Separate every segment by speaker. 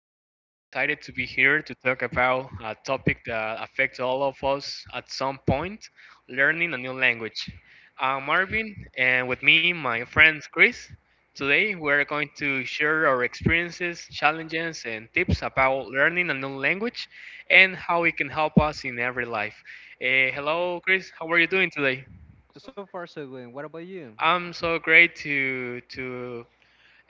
Speaker 1: We are really excited to be here to talk about a topic that affects all of us at some point learning a new language. I'm Marvin, and with me, my friend Chris. Today, we're going to share our experiences, challenges, and tips about learning a new language and how it can help us in every life. Hello, Chris. How are you doing today?
Speaker 2: So far, so good. What about you?
Speaker 1: I'm so great to to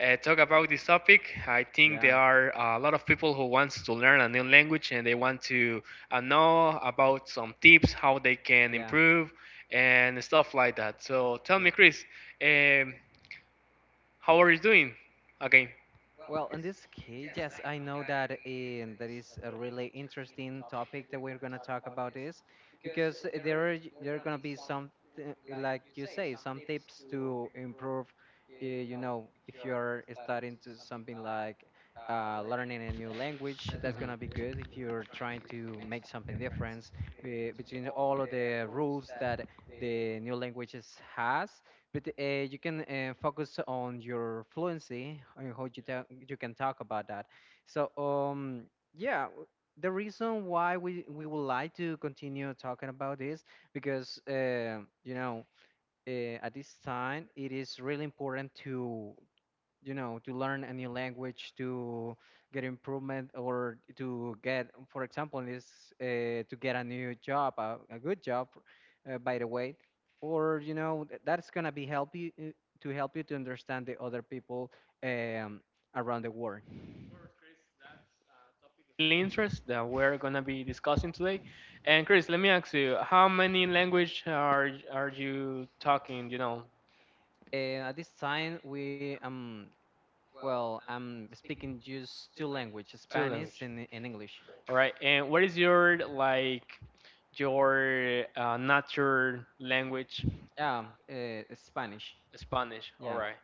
Speaker 1: uh, talk about this topic. I think
Speaker 2: Yeah,
Speaker 1: there are a lot of people who wants to learn a new language, and they want to know about some tips how they can
Speaker 2: yeah,
Speaker 1: improve and stuff like that. So tell me,
Speaker 2: yeah.
Speaker 1: Chris, um, how are you doing? Okay.
Speaker 2: Well, in this case, yes, I know that in, that is a really interesting topic that we're going to talk about is because there are going to be some like you say some tips to improve. You know, if you're starting to something like learning a new language, that's going to be good. If you're trying to make something difference between all of the rules that
Speaker 1: Mhm.
Speaker 2: the new languages has, but you can focus on your fluency on how you you can talk about that. So yeah, the reason why we would like to continue talking about this because at this time it is really important to to learn a new language to get improvement or to get for example is to get a new job a good job by the way or that's going to be help you to help you to understand the other people um, around the world
Speaker 1: Really interest that we're gonna be discussing today. And Chris, let me ask you, how many language are you talking?
Speaker 2: and at this time we well I'm speaking just two languages,
Speaker 1: Two language.
Speaker 2: Spanish and English,
Speaker 1: All right. And what is your natural language?
Speaker 2: yeah, Spanish,
Speaker 1: Spanish. All
Speaker 2: yeah.
Speaker 1: right.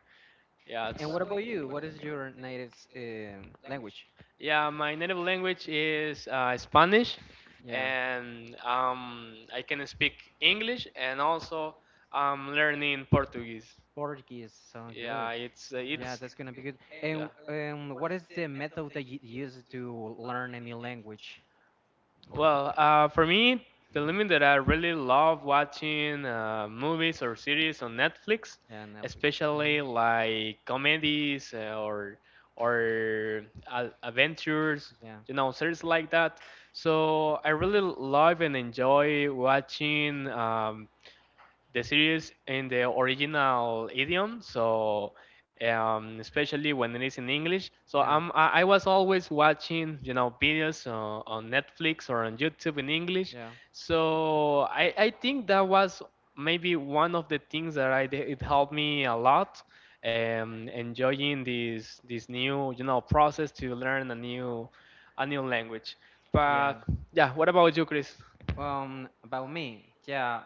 Speaker 1: Yeah. It's,
Speaker 2: And what about you? What is your native
Speaker 1: Language.
Speaker 2: language?
Speaker 1: Yeah, my native language is Spanish,
Speaker 2: Yeah.
Speaker 1: and I can speak English, and also I'm learning Portuguese.
Speaker 2: Portuguese sound
Speaker 1: Yeah,
Speaker 2: good.
Speaker 1: it's uh,
Speaker 2: Yeah,
Speaker 1: it's.
Speaker 2: that's gonna be good. And
Speaker 1: Yeah.
Speaker 2: what is the method that you use to learn a new language?
Speaker 1: Well, for me, the limit that I really love watching movies or series on Netflix,
Speaker 2: Yeah, Netflix. Mhm.
Speaker 1: especially like comedies or adventures,
Speaker 2: Yeah.
Speaker 1: series like that. So I really love and enjoy watching. The series in the original idiom, so especially when it is in English. So
Speaker 2: Yeah.
Speaker 1: um, I, I was always watching, videos on Netflix or on YouTube in English.
Speaker 2: Yeah.
Speaker 1: So I think that was maybe one of the things that I did, it helped me a lot. Enjoying this new process to learn a new language. But
Speaker 2: Yeah.
Speaker 1: yeah, what about you, Chris?
Speaker 2: About me. Yeah.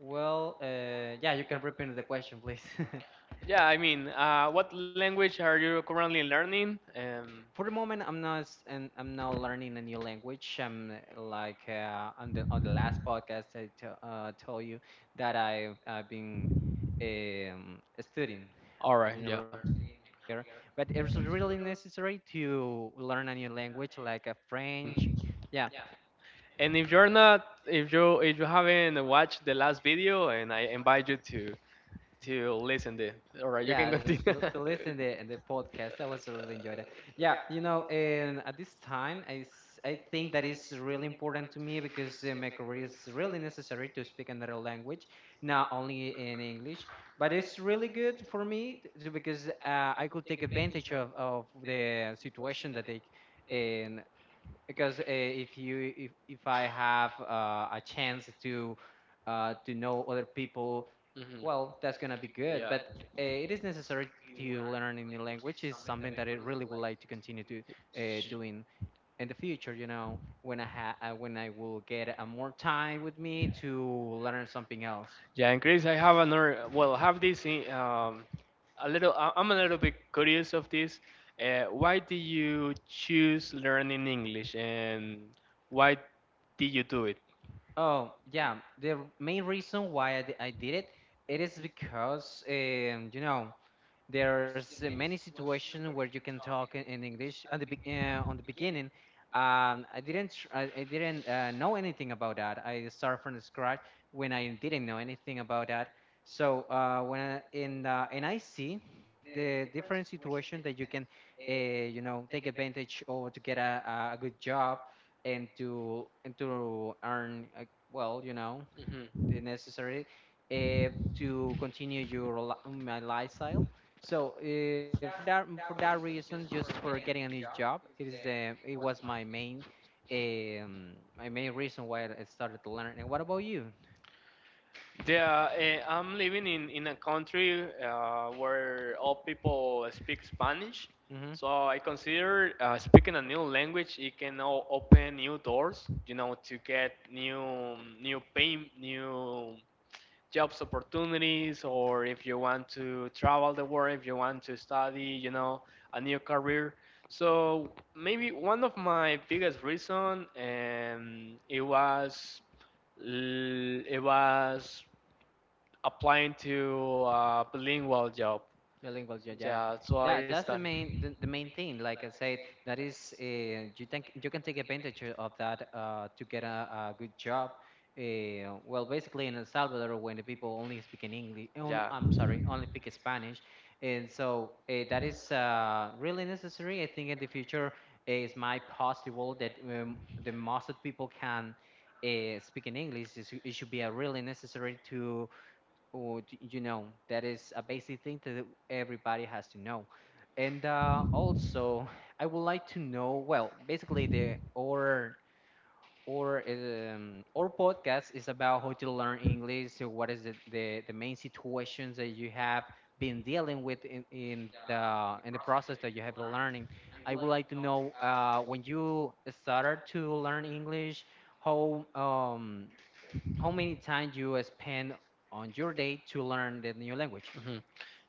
Speaker 2: Well, yeah, you can repeat the question, please.
Speaker 1: Yeah, I mean, what language are you currently learning? Um,
Speaker 2: For the moment, I'm not s- and I'm now learning a new language. I'm like on the last podcast I told you that I've been studying.
Speaker 1: all
Speaker 2: I
Speaker 1: right,
Speaker 2: didn't, re-
Speaker 1: yeah.
Speaker 2: but it's really necessary to learn a new language like a French. Yeah,
Speaker 1: And if you're not, if you haven't watched the last video, and I invite you to listen to it. All right, you can
Speaker 2: yeah, the
Speaker 1: continue.
Speaker 2: to listen the podcast, I was really enjoyed it, yeah, you know. And at this time I think that is really important to me because my career is really necessary to speak another language, not only in English, but it's really good for me to, because I could take advantage of the situation that they, and because if you if I have a chance to know other people,
Speaker 1: Mhm.
Speaker 2: well, that's gonna be good, but it is necessary to learn a new language.
Speaker 1: Yeah.
Speaker 2: Is something that I really would like to continue to doing in the future. You know, when I ha when I will get more time with me to learn something else.
Speaker 1: Yeah, and Chris, I have another. Well, have this. A little. I'm a little bit curious of this. Why did you choose learning English, and why did you do it?
Speaker 2: Oh yeah, the main reason why I did it, it is because you know, there's many situations where you can talk in English. On the on the beginning, I didn't know anything about that. I started from scratch when I didn't know anything about that. So when I, in and I see the different situation that you can, you know, take advantage or to get a good job and to earn well, you know,
Speaker 1: Hmm.
Speaker 2: necessary uh, to continue your my lifestyle. So for that reason, just for getting a new job, it is the it was my main reason why I started to learn. And what about you?
Speaker 1: Yeah, I'm living in a country where all people speak Spanish,
Speaker 2: Mm-hmm.
Speaker 1: so I consider speaking a new language it can open new doors, to get new pay, new jobs opportunities, or if you want to travel the world, if you want to study a new career. So maybe one of my biggest reason, it was applying to a bilingual job.
Speaker 2: The lingual, yeah, yeah.
Speaker 1: Yeah, so I
Speaker 2: That's the
Speaker 1: started.
Speaker 2: main the main thing. Like I said, that is you think you can take advantage of that to get a good job. Well, basically in El Salvador, when the people only speak in English, only,
Speaker 1: Yeah.
Speaker 2: I'm sorry, only speak Spanish, and so that is really necessary. I think in the future, it's might possible that the most of people can speak in English. It should be a really necessary to or you know, that is a basic thing that everybody has to know. And also, I would like to know. Well, basically, the or podcast is about how to learn English. So, what is the main situations that you have been dealing with in the in the process that you have been learning? I would like to know when you started to learn English, how um, how many times you spend on your day to learn the new language?
Speaker 1: Mhm.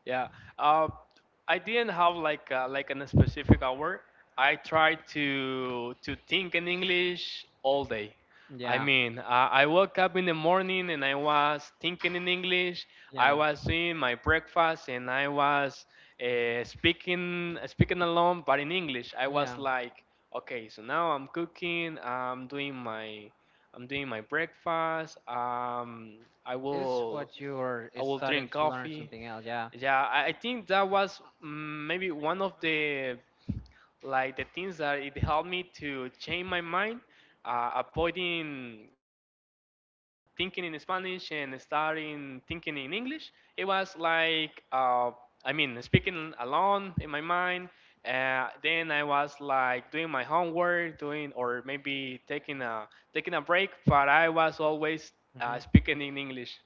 Speaker 1: Yeah. Uh, I didn't have like in a specific hour. I tried to think in English all day. I
Speaker 2: Yeah,
Speaker 1: mean, I woke up in the morning and I was thinking in English. I
Speaker 2: yeah,
Speaker 1: was eating my breakfast and I was speaking alone, but in English. I was
Speaker 2: yeah.
Speaker 1: like, okay, so now I'm cooking. I'm doing my breakfast. I
Speaker 2: It is
Speaker 1: will.
Speaker 2: what you are
Speaker 1: I will
Speaker 2: starting
Speaker 1: drink
Speaker 2: to learn
Speaker 1: coffee.
Speaker 2: something else. Yeah.
Speaker 1: Yeah, I think that was maybe one of the things that it helped me to change my mind, avoiding thinking in Spanish and starting thinking in English. It was like I mean speaking alone in my mind. Then I was like doing my homework, doing, or maybe taking a break, but I was always
Speaker 2: Hmm.
Speaker 1: speaking in English.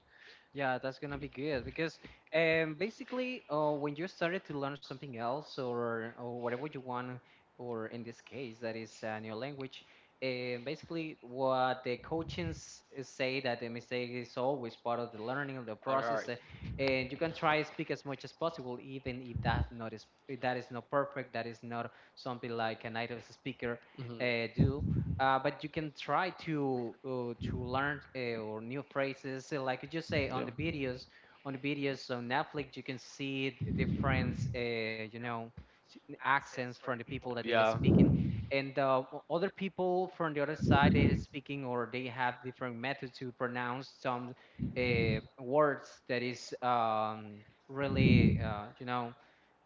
Speaker 2: Yeah, that's gonna be good because basically, when you started to learn something else or whatever you want, or in this case, that is a new language, basically what the coaches say that the mistake is always part of the learning of the process, and you can try to speak as much as possible, even if that is not perfect, that is not something like a native speaker do,
Speaker 1: Hmm.
Speaker 2: but you can try to learn or new phrases. So like you just say on the videos, on the videos on Netflix, you can see different, you know, accents from the people that they are speaking, and other people from the other side they are speaking or they have different methods to pronounce some words that is really, you know,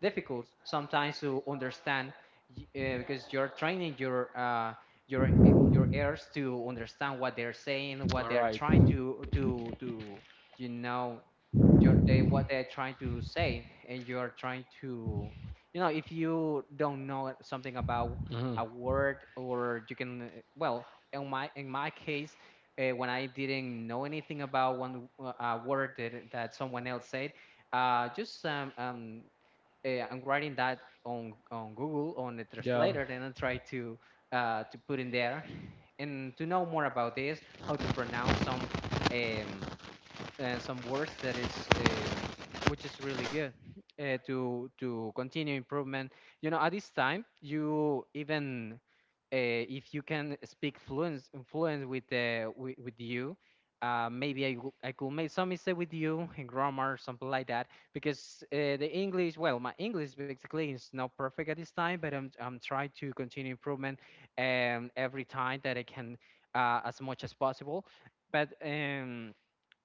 Speaker 2: difficult sometimes to understand because you're training your your ears to understand what they're saying, what they're trying to you know your, they, what they're trying to say, and you're trying to you know if you don't know something about
Speaker 1: Hmm.
Speaker 2: a word or you can well in my case. When I didn't know anything about one word that someone else said, just I'm writing that on Google on the translator, and I try to put in there, and to know more about this, how to pronounce um, some words that is which is really good to continue improvement. You know, at this time, you even if you can speak fluent with the with you I could make some mistake with you in grammar something like that because the English, well, my English basically is not perfect at this time, but I'm trying to continue improvement, every time that I can as much as possible. But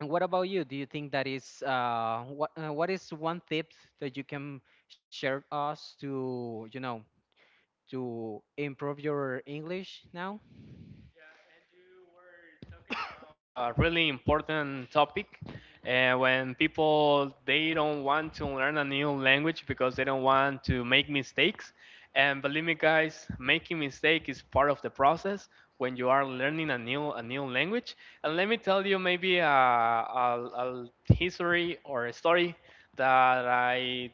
Speaker 2: what about you? Do you think that is what is one tip that you can share us to you know to improve your English now?
Speaker 1: We're talking about a really important topic when people they don't want to learn a new language because they don't want to make mistakes. And believe me, guys, making mistake is part of the process when you are learning a new language. And let me tell you maybe a history or a story that I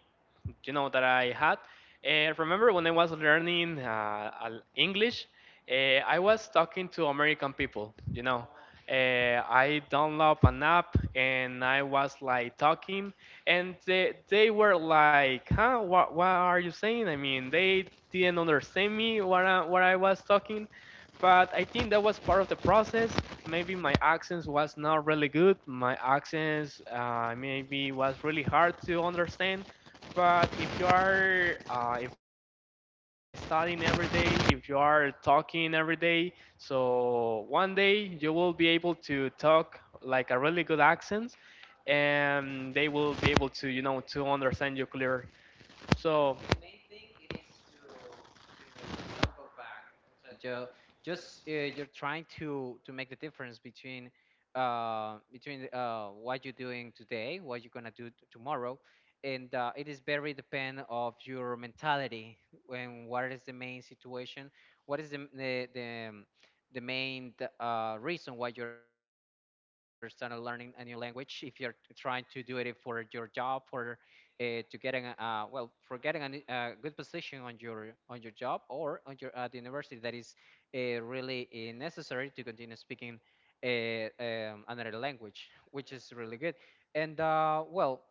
Speaker 1: that I had. And remember when I was learning English, I was talking to American people. I downloaded an app and I was like talking, and they were like, "Huh? What are you saying?" I mean, they didn't understand me what I was talking. But I think that was part of the process. Maybe my accent was not really good. My accent maybe was really hard to understand, but if you are if studying every day, if you are talking every day, so one day you will be able to talk like a really good accent, and they will be able to to understand you clear. So
Speaker 2: Ju- Just you're trying to make the difference between what you're doing today, what you're gonna do tomorrow, and it is very depend of your mentality when what is the main situation, what is the m- the main reason why you're starting learning a new language, if you're trying to do it for your job, for to getting well for getting a good position on your job or on your at the university, that is really necessary to continue speaking uh, another language, which is really good. And well,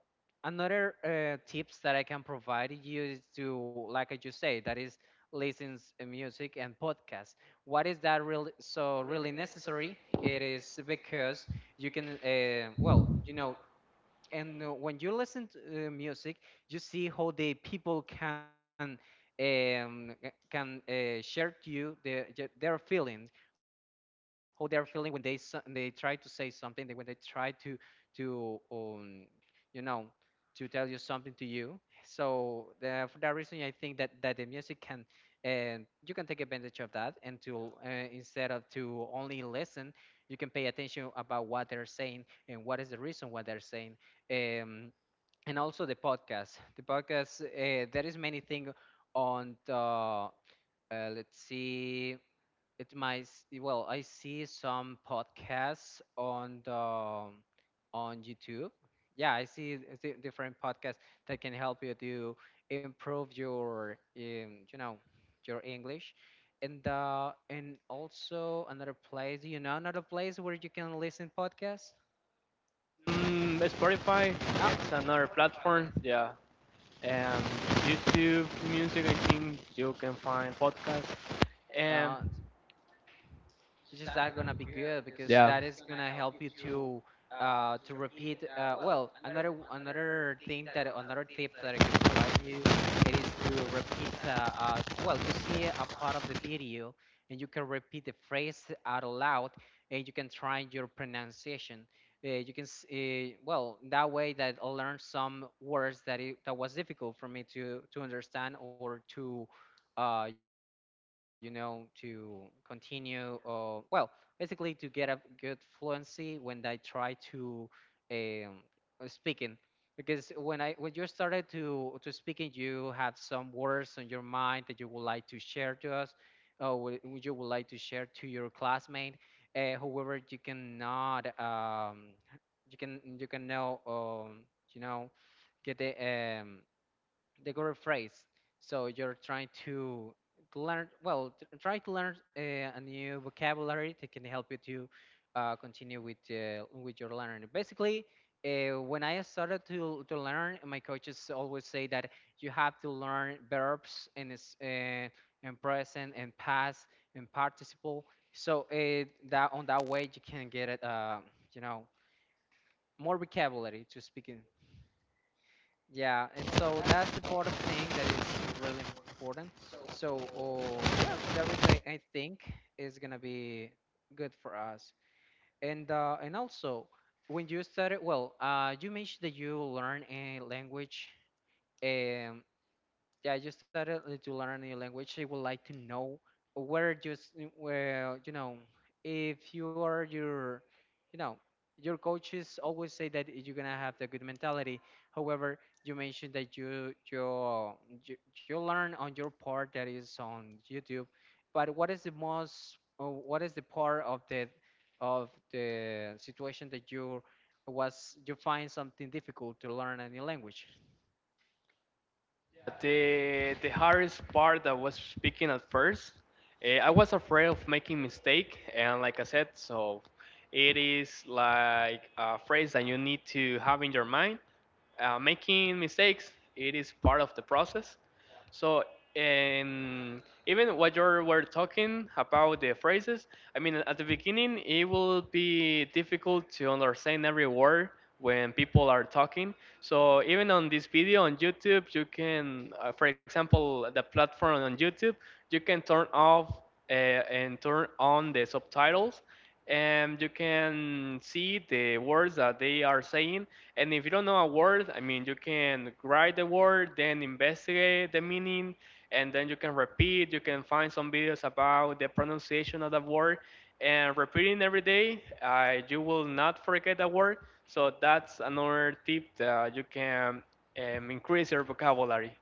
Speaker 2: another tips that I can provide you is to, like I just say, that is listens music and podcasts. What is that really so really necessary? It is because you can well you know, and when you listen to music, you see how the people can share to you their feelings, how they're feeling when they they try to say something, they, when they try to to um, you know to tell you something to you. So for that reason, I think that that the music can, and you can take advantage of that and to instead of to only listen, you can pay attention about what they're saying and what is the reason what they're saying, um, and also the podcast. The podcast, there is many thing on the, let's see it might s- well I see some podcasts on the on YouTube. Yeah, I see different podcasts that can help you to improve your you know your English. And also another place, you know, another place where you can listen podcasts.
Speaker 1: Spotify,
Speaker 2: Ah,
Speaker 1: it's another platform. Yeah, and YouTube music. I think you can find podcasts. And
Speaker 2: Uh, is just that gonna be good because that is gonna help you to repeat. Well, another another thing that another tip that I can provide you, it is to repeat. Well, you see a part of the video and you can repeat the phrase out loud and you can try your pronunciation. Well, that way that I learned some words that was difficult for me to understand or to you know to continue. Well, basically to get a good fluency when I try to um, speaking. Because when you started to speaking, you have some words on your mind that you would like to share to us, or would you would like to share to your classmate. However, you cannot you can you can know, you know get the correct phrase. So you're trying to learn, well, try to learn a new vocabulary that can help you to continue with your learning. Basically, when I started to learn, my coaches always say that you have to learn verbs and present and past and participle. So that on that way you can get it, you know, more vocabulary to speaking. Yeah, and so that's the part of thing that is really important. So, yeah, for that reason, I think it's gonna be good for us. And also, when you started, well, you mentioned that you learn a language. Um, yeah, you started to learn a new language, you would like to know where, just where, if you are your, you know your coaches always say that you're gonna have the good mentality. However, you mentioned that you learn on your part that is on YouTube, but what is the most what is the part of the situation that you find something difficult to learn a new language?
Speaker 1: the hardest part I was speaking at first, I was afraid of making mistake, and like I said, so it is like a phrase that you need to have in your mind. Making mistakes, it is part of the process. So, and even what you were talking about the phrases, I mean, at the beginning, it will be difficult to understand every word when people are talking. So, even on this video on YouTube, you can, for example, the platform on YouTube, you can turn off and turn on the subtitles, and you can see the words that they are saying, and if you don't know a word, I mean, you can write the word, then investigate the meaning, and then you can repeat. You can find some videos about the pronunciation of the word, and repeating every day, you will not forget the word. So that's another tip that you can increase your vocabulary.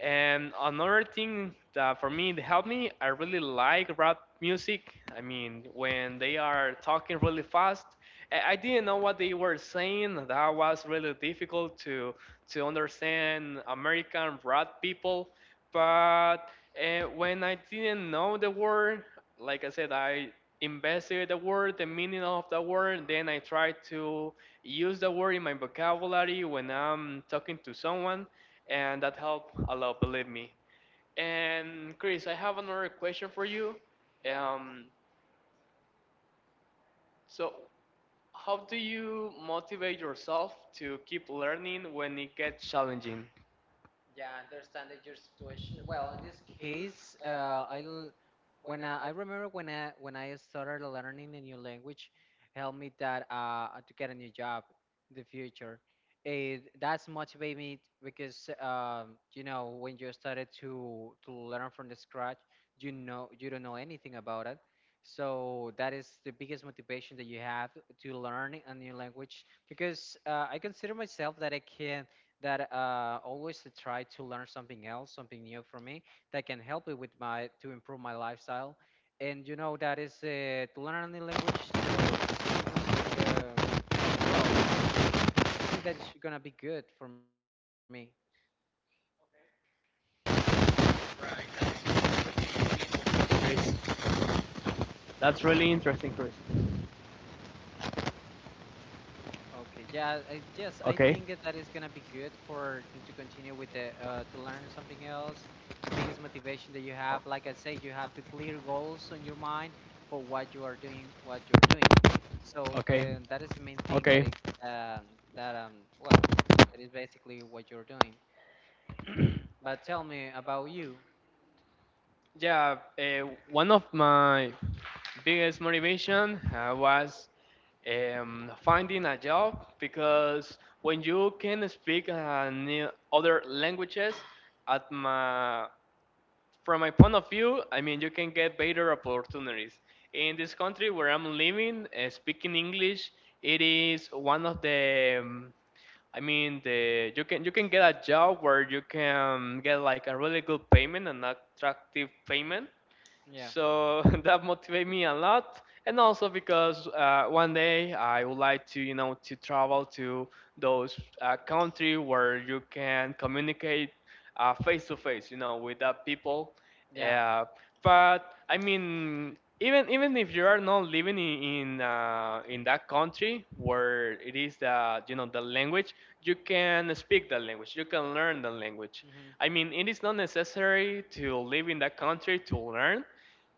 Speaker 1: And another thing that for me it helped me, I really like rap music. I mean, when they are talking really fast, I didn't know what they were saying. That was really difficult to understand American rap people. But when I didn't know the word, like I said, I investigate the word, the meaning of the word, then I try to use the word in my vocabulary when I'm talking to someone, and that helped a lot, believe me. And Chris, I have another question for you. Um, so, how do you motivate yourself to keep learning when it gets challenging,
Speaker 2: Case, I'll when I remember when I started learning a new language, helped me that to get a new job in the future. That's motivated me because, when you started to learn from the scratch, you don't know anything about it. So that is the biggest motivation that you have to learn a new language because, I consider myself that I can that always to try to learn something else, something new for me that can help me with my to improve my lifestyle. And you know that is to learn a new language. So since well, I think that is gonna be good for me.
Speaker 1: Chris? That's really interesting, Chris.
Speaker 2: Okay, yeah, yes, I
Speaker 1: Okay.
Speaker 2: think that is gonna be good for you to continue with the to learn something else. The biggest motivation that you
Speaker 1: Oh,
Speaker 2: have, like I say, you have to clear goals on your mind for what you are doing, what you're doing. So
Speaker 1: okay.
Speaker 2: um, that is the main thing that
Speaker 1: Okay.
Speaker 2: it, um that well, that is basically what you're doing. But tell me about you.
Speaker 1: Yeah, one of my biggest motivation was finding a job, because when you can speak other languages, at my, from my point of view, I mean you can get better opportunities. In this country where I'm living, speaking English, it is one of the I mean the, you can get a job where you can get like a really good payment, an attractive payment,
Speaker 2: Yeah.
Speaker 1: so that motivated me a lot, and also because one day I would like to, to travel to those country where you can communicate face to face, with the people.
Speaker 2: Yeah.
Speaker 1: Uh, but I mean, even if you are not living in that country where it is the the language, you can speak the language, you can learn the language. I
Speaker 2: Hmm.
Speaker 1: mean, it is not necessary to live in that country to learn,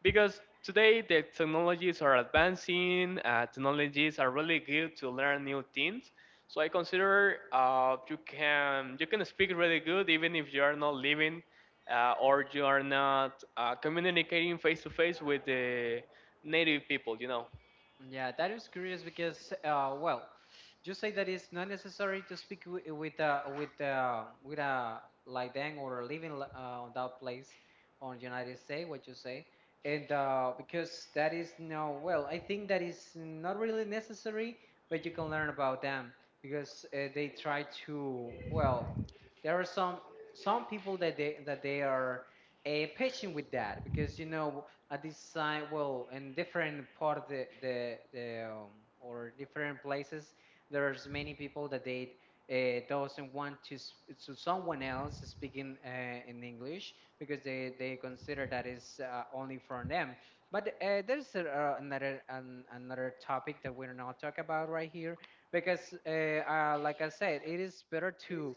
Speaker 1: because today the technologies are advancing, technologies are really good to learn new things, so I consider you can speak really good even if you are not living, or you are not communicating face to face with the native people.
Speaker 2: Yeah, that is curious because, well, you say that it's not necessary to speak with a like then or on that place on United States, what you say, and because that is no, well, I think that is not really necessary, but you can learn about them because, they try to, well, there are some people that they are patient with that because, you know, at this design, well, in different part of the, or different places, there's many people that they doesn't want to to someone else speaking in English because they consider that is only for them, but there's another topic that we're not talk about right here because, like I said, it is better to —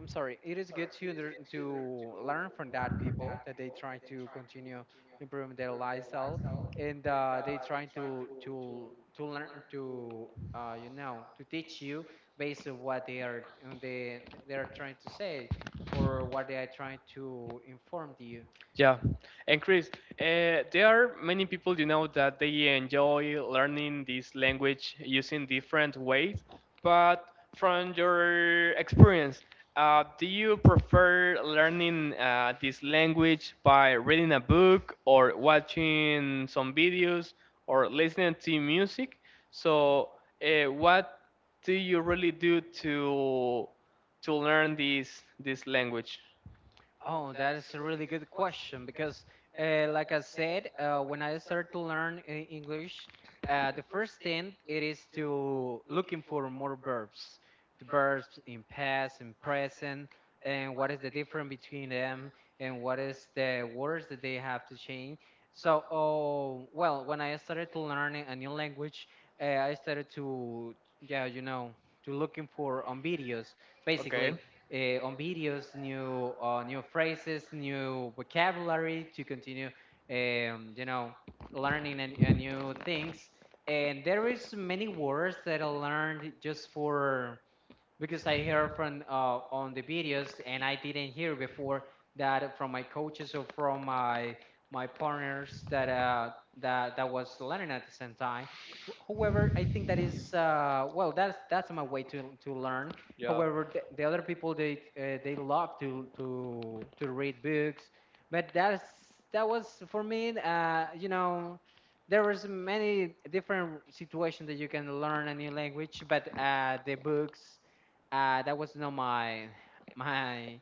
Speaker 2: I'm sorry. It is good to to learn from that people that they try to continue improving their lifestyle and they try to learn to to teach you based on what they are trying to say or what they are trying to inform you.
Speaker 1: Yeah. And Chris, there are many people, that they enjoy learning this language using different ways. But from your experience, do you prefer learning this language by reading a book or watching some videos or listening to music? So, what do you really do to learn this language?
Speaker 2: Oh, that is a really good question because, like I said, when I started to learn English, the first thing it is to looking for more verbs, the verbs in past and present, and what is the difference between them, and what is the words that they have to change. So, oh, well, when I started to learn a new language, I started to, yeah, to looking for on videos,
Speaker 1: Okay.
Speaker 2: basically on videos, new phrases, new vocabulary to continue, um, you know, learning and new things. And there is many words that I learned just for because I heard from, on the videos, and I didn't hear before that from my coaches or from my partners that that was learning at the same time. However, I think that is, well, that's my way to learn.
Speaker 1: Yeah.
Speaker 2: However, the other people, they love to read books, but that was for me, there was many different situations that you can learn a new language, but the books, that was not my my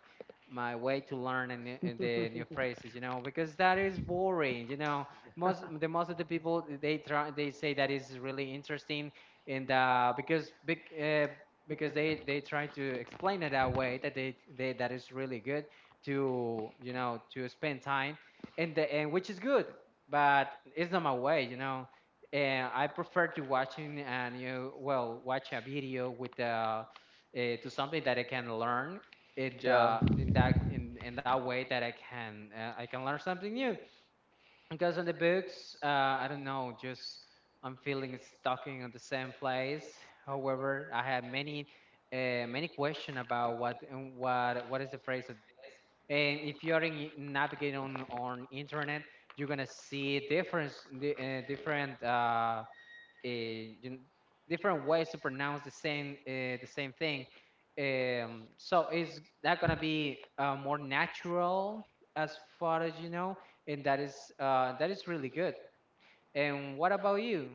Speaker 2: my way to learn, and the new phrases, because that is boring, most of the people, they say that is really interesting and because they try to explain it that way that they that is really good to, to spend time, and which is good, but it's not my way, and I prefer to watching, and you, well, watch a video with the to something that I can learn in
Speaker 1: Yeah.
Speaker 2: the in that way that I can, learn something new. Because on the books, I don't know, just I'm feeling stuck in the same place. However, I have many question about what and what what is the phrase of this. And if you are in, navigating on internet, you're gonna see different uh, uh, you, different ways to pronounce the same thing. So, is that gonna be more natural, as far as you know? And that is really good. And what about you,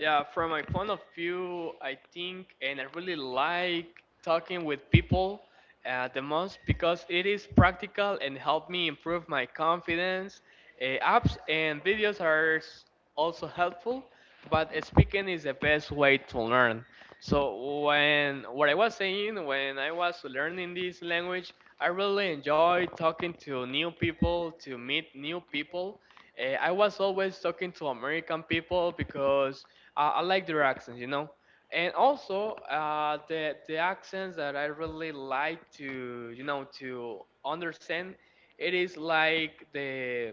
Speaker 1: Yeah, from my point of view, I think, and I really like talking with people the most because it is practical and help me improve my confidence. Apps and videos are also helpful, but speaking is the best way to learn. So when what I was saying, when I was learning this language, I really enjoy talking to new people, to meet new people. I was always talking to American people because I like their accents. And also, the accents that I really like to, to understand, it is like the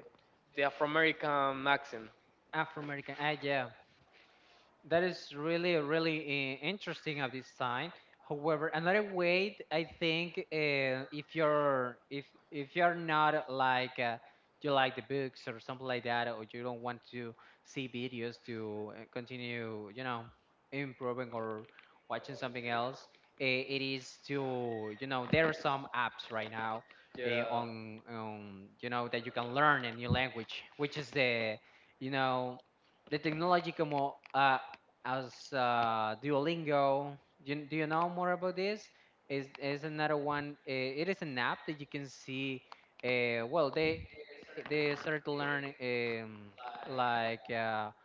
Speaker 1: the Afro-American accent.
Speaker 2: Afro American? Ah, yeah. That is really, really interesting at this time. However, another way, I think, if you're if you're not like, you like the books or something like that, or you don't want to see videos to, continue, you know, improving or watching something else, it is to, you know, there are some apps right now,
Speaker 1: Yeah,
Speaker 2: on you know that you can learn a new language, which is the you know the technology, como as Duolingo. Do you know more about this? Is another one? It is an app that you can see. Well, they started to learn, like, uh,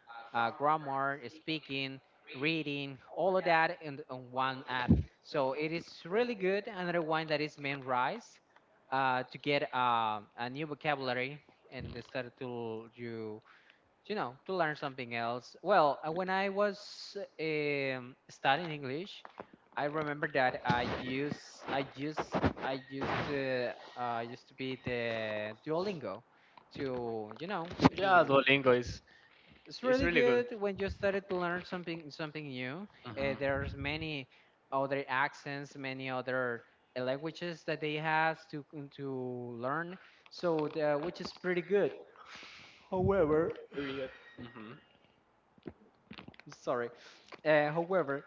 Speaker 2: uh, grammar, speaking, reading, all of that in on one app. So it is really good. Another one that is memorized to get a new vocabulary, and they started to, you know, to learn something else. Well, when I was studying English, I remember that I used to be the Duolingo to, you know,
Speaker 1: yeah,
Speaker 2: to
Speaker 1: Duolingo is
Speaker 2: it's
Speaker 1: it's
Speaker 2: really
Speaker 1: really good.
Speaker 2: good when you started to learn something new.
Speaker 1: Hmm.
Speaker 2: There's many other accents, many other languages that they have to learn. So, which is pretty good. However,
Speaker 1: Hmm.
Speaker 2: sorry. However,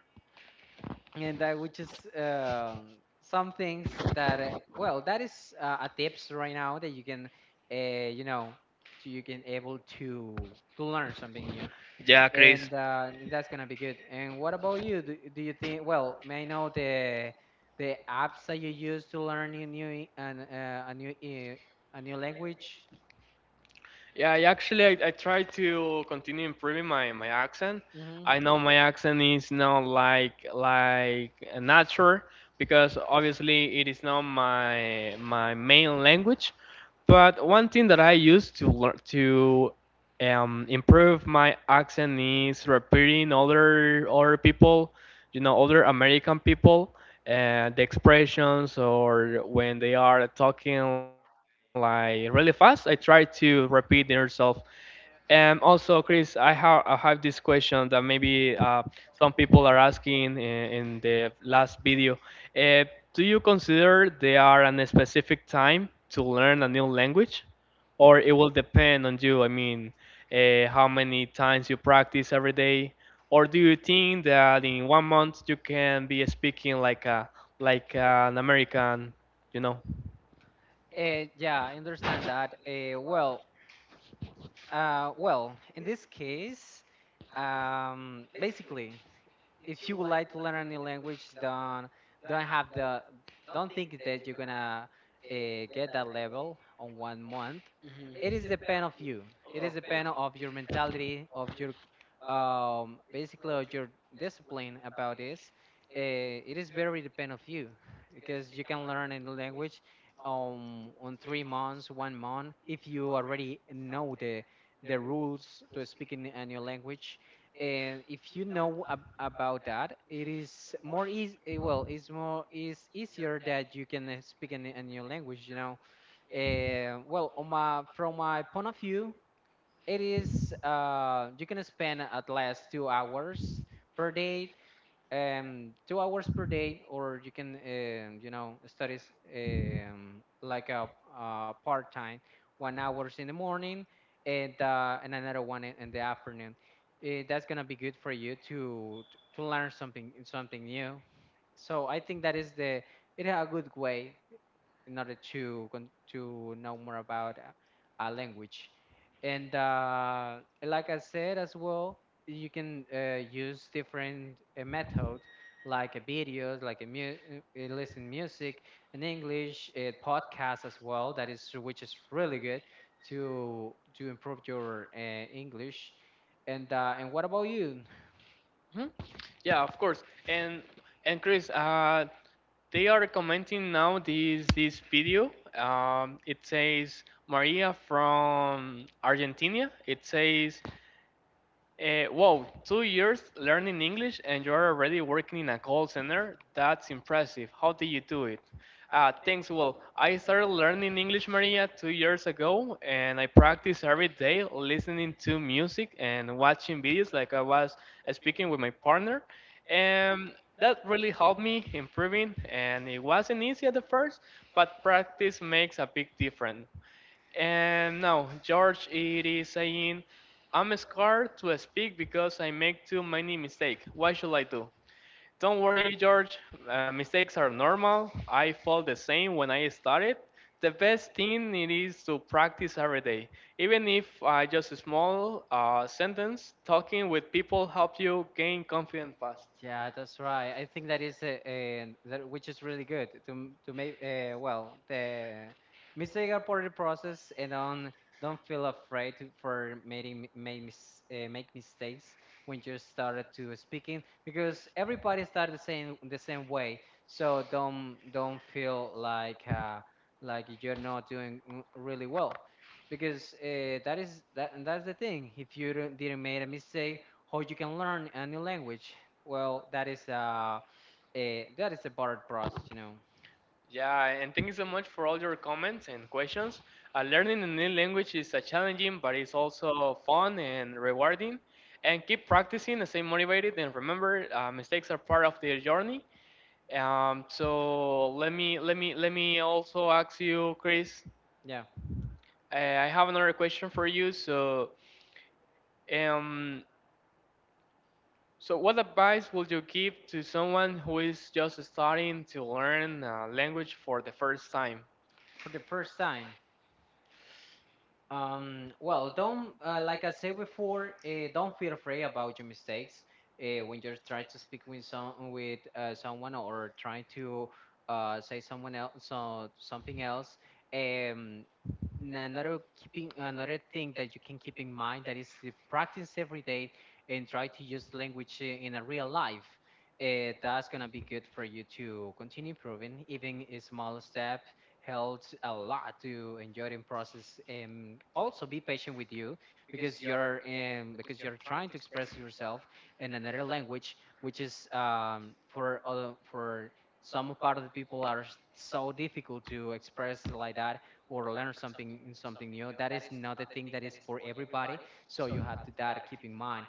Speaker 2: and I would just, some things that, well, that is, a tips right now that you can, uh, you know so you can able to learn something new,
Speaker 1: Yeah, Chris.
Speaker 2: and that's gonna be good. And what about you? Do you think? Well, may I know the apps that you use to learn a new and a new language?
Speaker 1: Yeah, I actually I try to continue improving my accent.
Speaker 2: Hmm.
Speaker 1: I know my accent is not like natural because obviously it is not my main language. But one thing that I use to learn to improve my accent is repeating other people, you know, other American people, the expressions or when they are talking like really fast. I try to repeat themselves and also, Chris, I have this question that maybe some people are asking in the last video. Uh, do you consider there are a specific time to learn a new language, or it will depend on you? I mean, how many times you practice every day, or do you think that in one month you can be speaking like a like an American, you know?
Speaker 2: Yeah, I understand that. Well, in this case, basically, if you would like to learn a new language, don't have the don't think that you're gonna, uh, get that level on 1 month.
Speaker 1: Mhm.
Speaker 2: It is depend of you. It is depend of your mentality, of your, basically of your discipline about this. Uh, it is very depend of you because you can learn a new language, on 3 months, 1 month if you already know the rules to speaking a new language, and if you know, ab about that, it is more easy. Well, it's easier that you can, speak in a new language. You know, well, on my from my point of view, it is you can spend at least 2 hours per day, 2 hours per day, or you can, studies like a part time, 1 hours in the morning, and another one in the afternoon. That's gonna be good for you to learn something new. So I think that is the it a good way in order to know more about a language. And like I said as well, you can use different methods like videos, like listen music in English, podcasts as well. That is which is really good to improve your English. And what about you?
Speaker 1: Mhm. Yeah, of course. And and Chris, they are commenting now this video. It says Maria from Argentina. It says wow, 2 years learning English and you're already working in a call center? That's impressive. How did you do it? Thanks. Well, I started learning English, Maria, 2 years ago, and I practice every day listening to music and watching videos, like I was speaking with my partner. And that really helped me improving, and it wasn't easy at the first, but practice makes a big difference. And now, George, it is saying, I'm scared to speak because I make too many mistakes. What should I do? Don't worry, George. Mistakes are normal. I felt the same when I started. The best thing it is to practice every day. Even if just a small sentence, talking with people help you gain confidence fast.
Speaker 2: Yeah, that's right. I think that is that which is really good to make well the mistake reporting process and don't feel afraid to- for making make, make mistakes when you started to speaking because everybody started the same way. So don't feel like you're not doing really well because that is that and that's the thing. If you don't, didn't make a mistake, how you can learn a new language? Well, that is a that is a bored process, you know.
Speaker 1: Yeah, and thank you so much for all your comments and questions. Learning a new language is challenging, but it's also fun and rewarding. And keep practicing and stay motivated. And remember, mistakes are part of the journey. So let me also ask you, Chris.
Speaker 2: Yeah,
Speaker 1: I have another question for you. So, um, so what advice would you give to someone who is just starting to learn a language for the first time?
Speaker 2: for the first time. Don't, like I said before, don't feel afraid about your mistakes when you're trying to speak with someone or trying to say someone else so something else. Um, And another keeping another thing that you can keep in mind, that is to practice every day and try to use language in a real life. That's gonna be good for you to continue improving. Even a small step helps a lot to enjoy the process. And also be patient with you because you're trying to express yourself in another language, which is for other for some part of the people are so difficult to express like that or learn something new. That is not a thing that is for everybody, so you have to that keep in mind.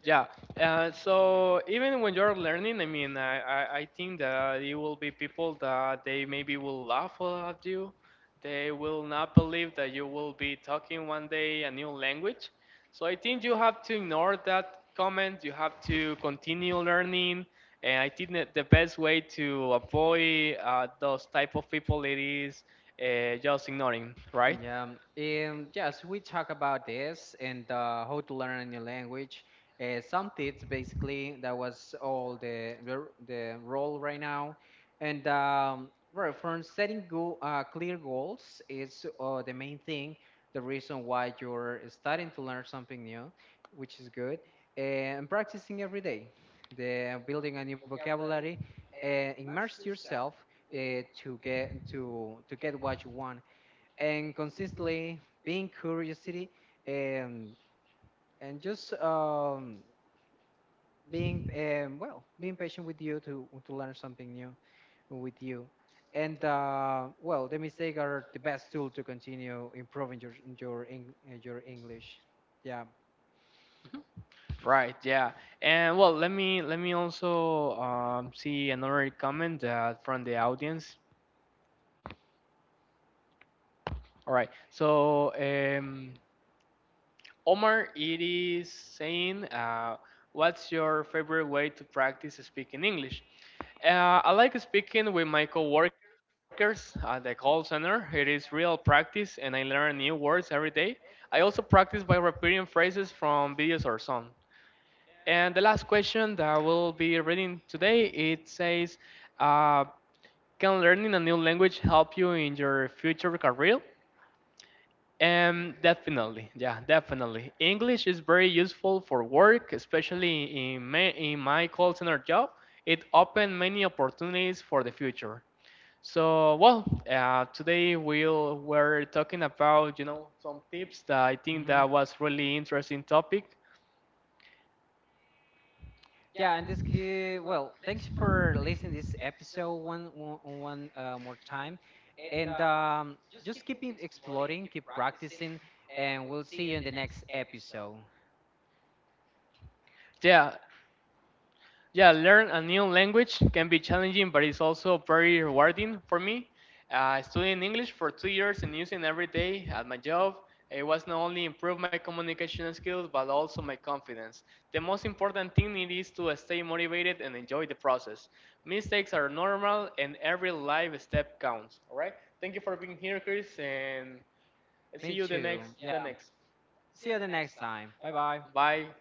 Speaker 1: Yeah. So even when you're learning, I mean, I think that you will be people that they maybe will laugh at you. They will not believe that you will be talking one day a new language. So I think you have to ignore that comment. You have to continue learning. And I think that the best way to avoid those type of people it is just ignoring, right?
Speaker 2: Yeah, yes, we talk about this and how to learn a new language. Some tips, basically, that was all the role right now. And well, from setting go clear goals is the main thing, the reason why you're starting to learn something new, which is good. And practicing every day, the building a new vocabulary, immerse yourself to get what you want and consistently being curiosity and and just being being patient with you to learn something new with you and well the mistakes are the best tool to continue improving your english, yeah.
Speaker 1: Right, yeah. And well, let me also see another comment from the audience. All right. So, Omar, it is saying, what's your favorite way to practice speaking English? I like speaking with my coworkers at the call center. It is real practice, and I learn new words every day. I also practice by repeating phrases from videos or songs. And the last question that I will be reading today, it says, uh, can learning a new language help you in your future career? Definitely, yeah, definitely. English is very useful for work, especially in my call center job. It opened many opportunities for the future. So, well, today we're talking about you know some tips that I think
Speaker 2: hmm
Speaker 1: that was really interesting topic.
Speaker 2: Yeah, and this kid, well, thanks for listening this episode one one, one more time, and just keep exploring, keep practicing, and we'll see you in the next episode.
Speaker 1: Yeah, yeah, learn a new language can be challenging, but it's also very rewarding for me. Studying English for 2 years and using every day at my job, it was not only improve my communication skills but also my confidence. The most important thing it is to stay motivated and enjoy the process. Mistakes are normal, and every life step counts. All right. Thank you for being here, Chris, and see
Speaker 2: Me
Speaker 1: you the next
Speaker 2: too. Yeah.
Speaker 1: the next.
Speaker 2: See you the next time. Bye bye.
Speaker 1: Bye.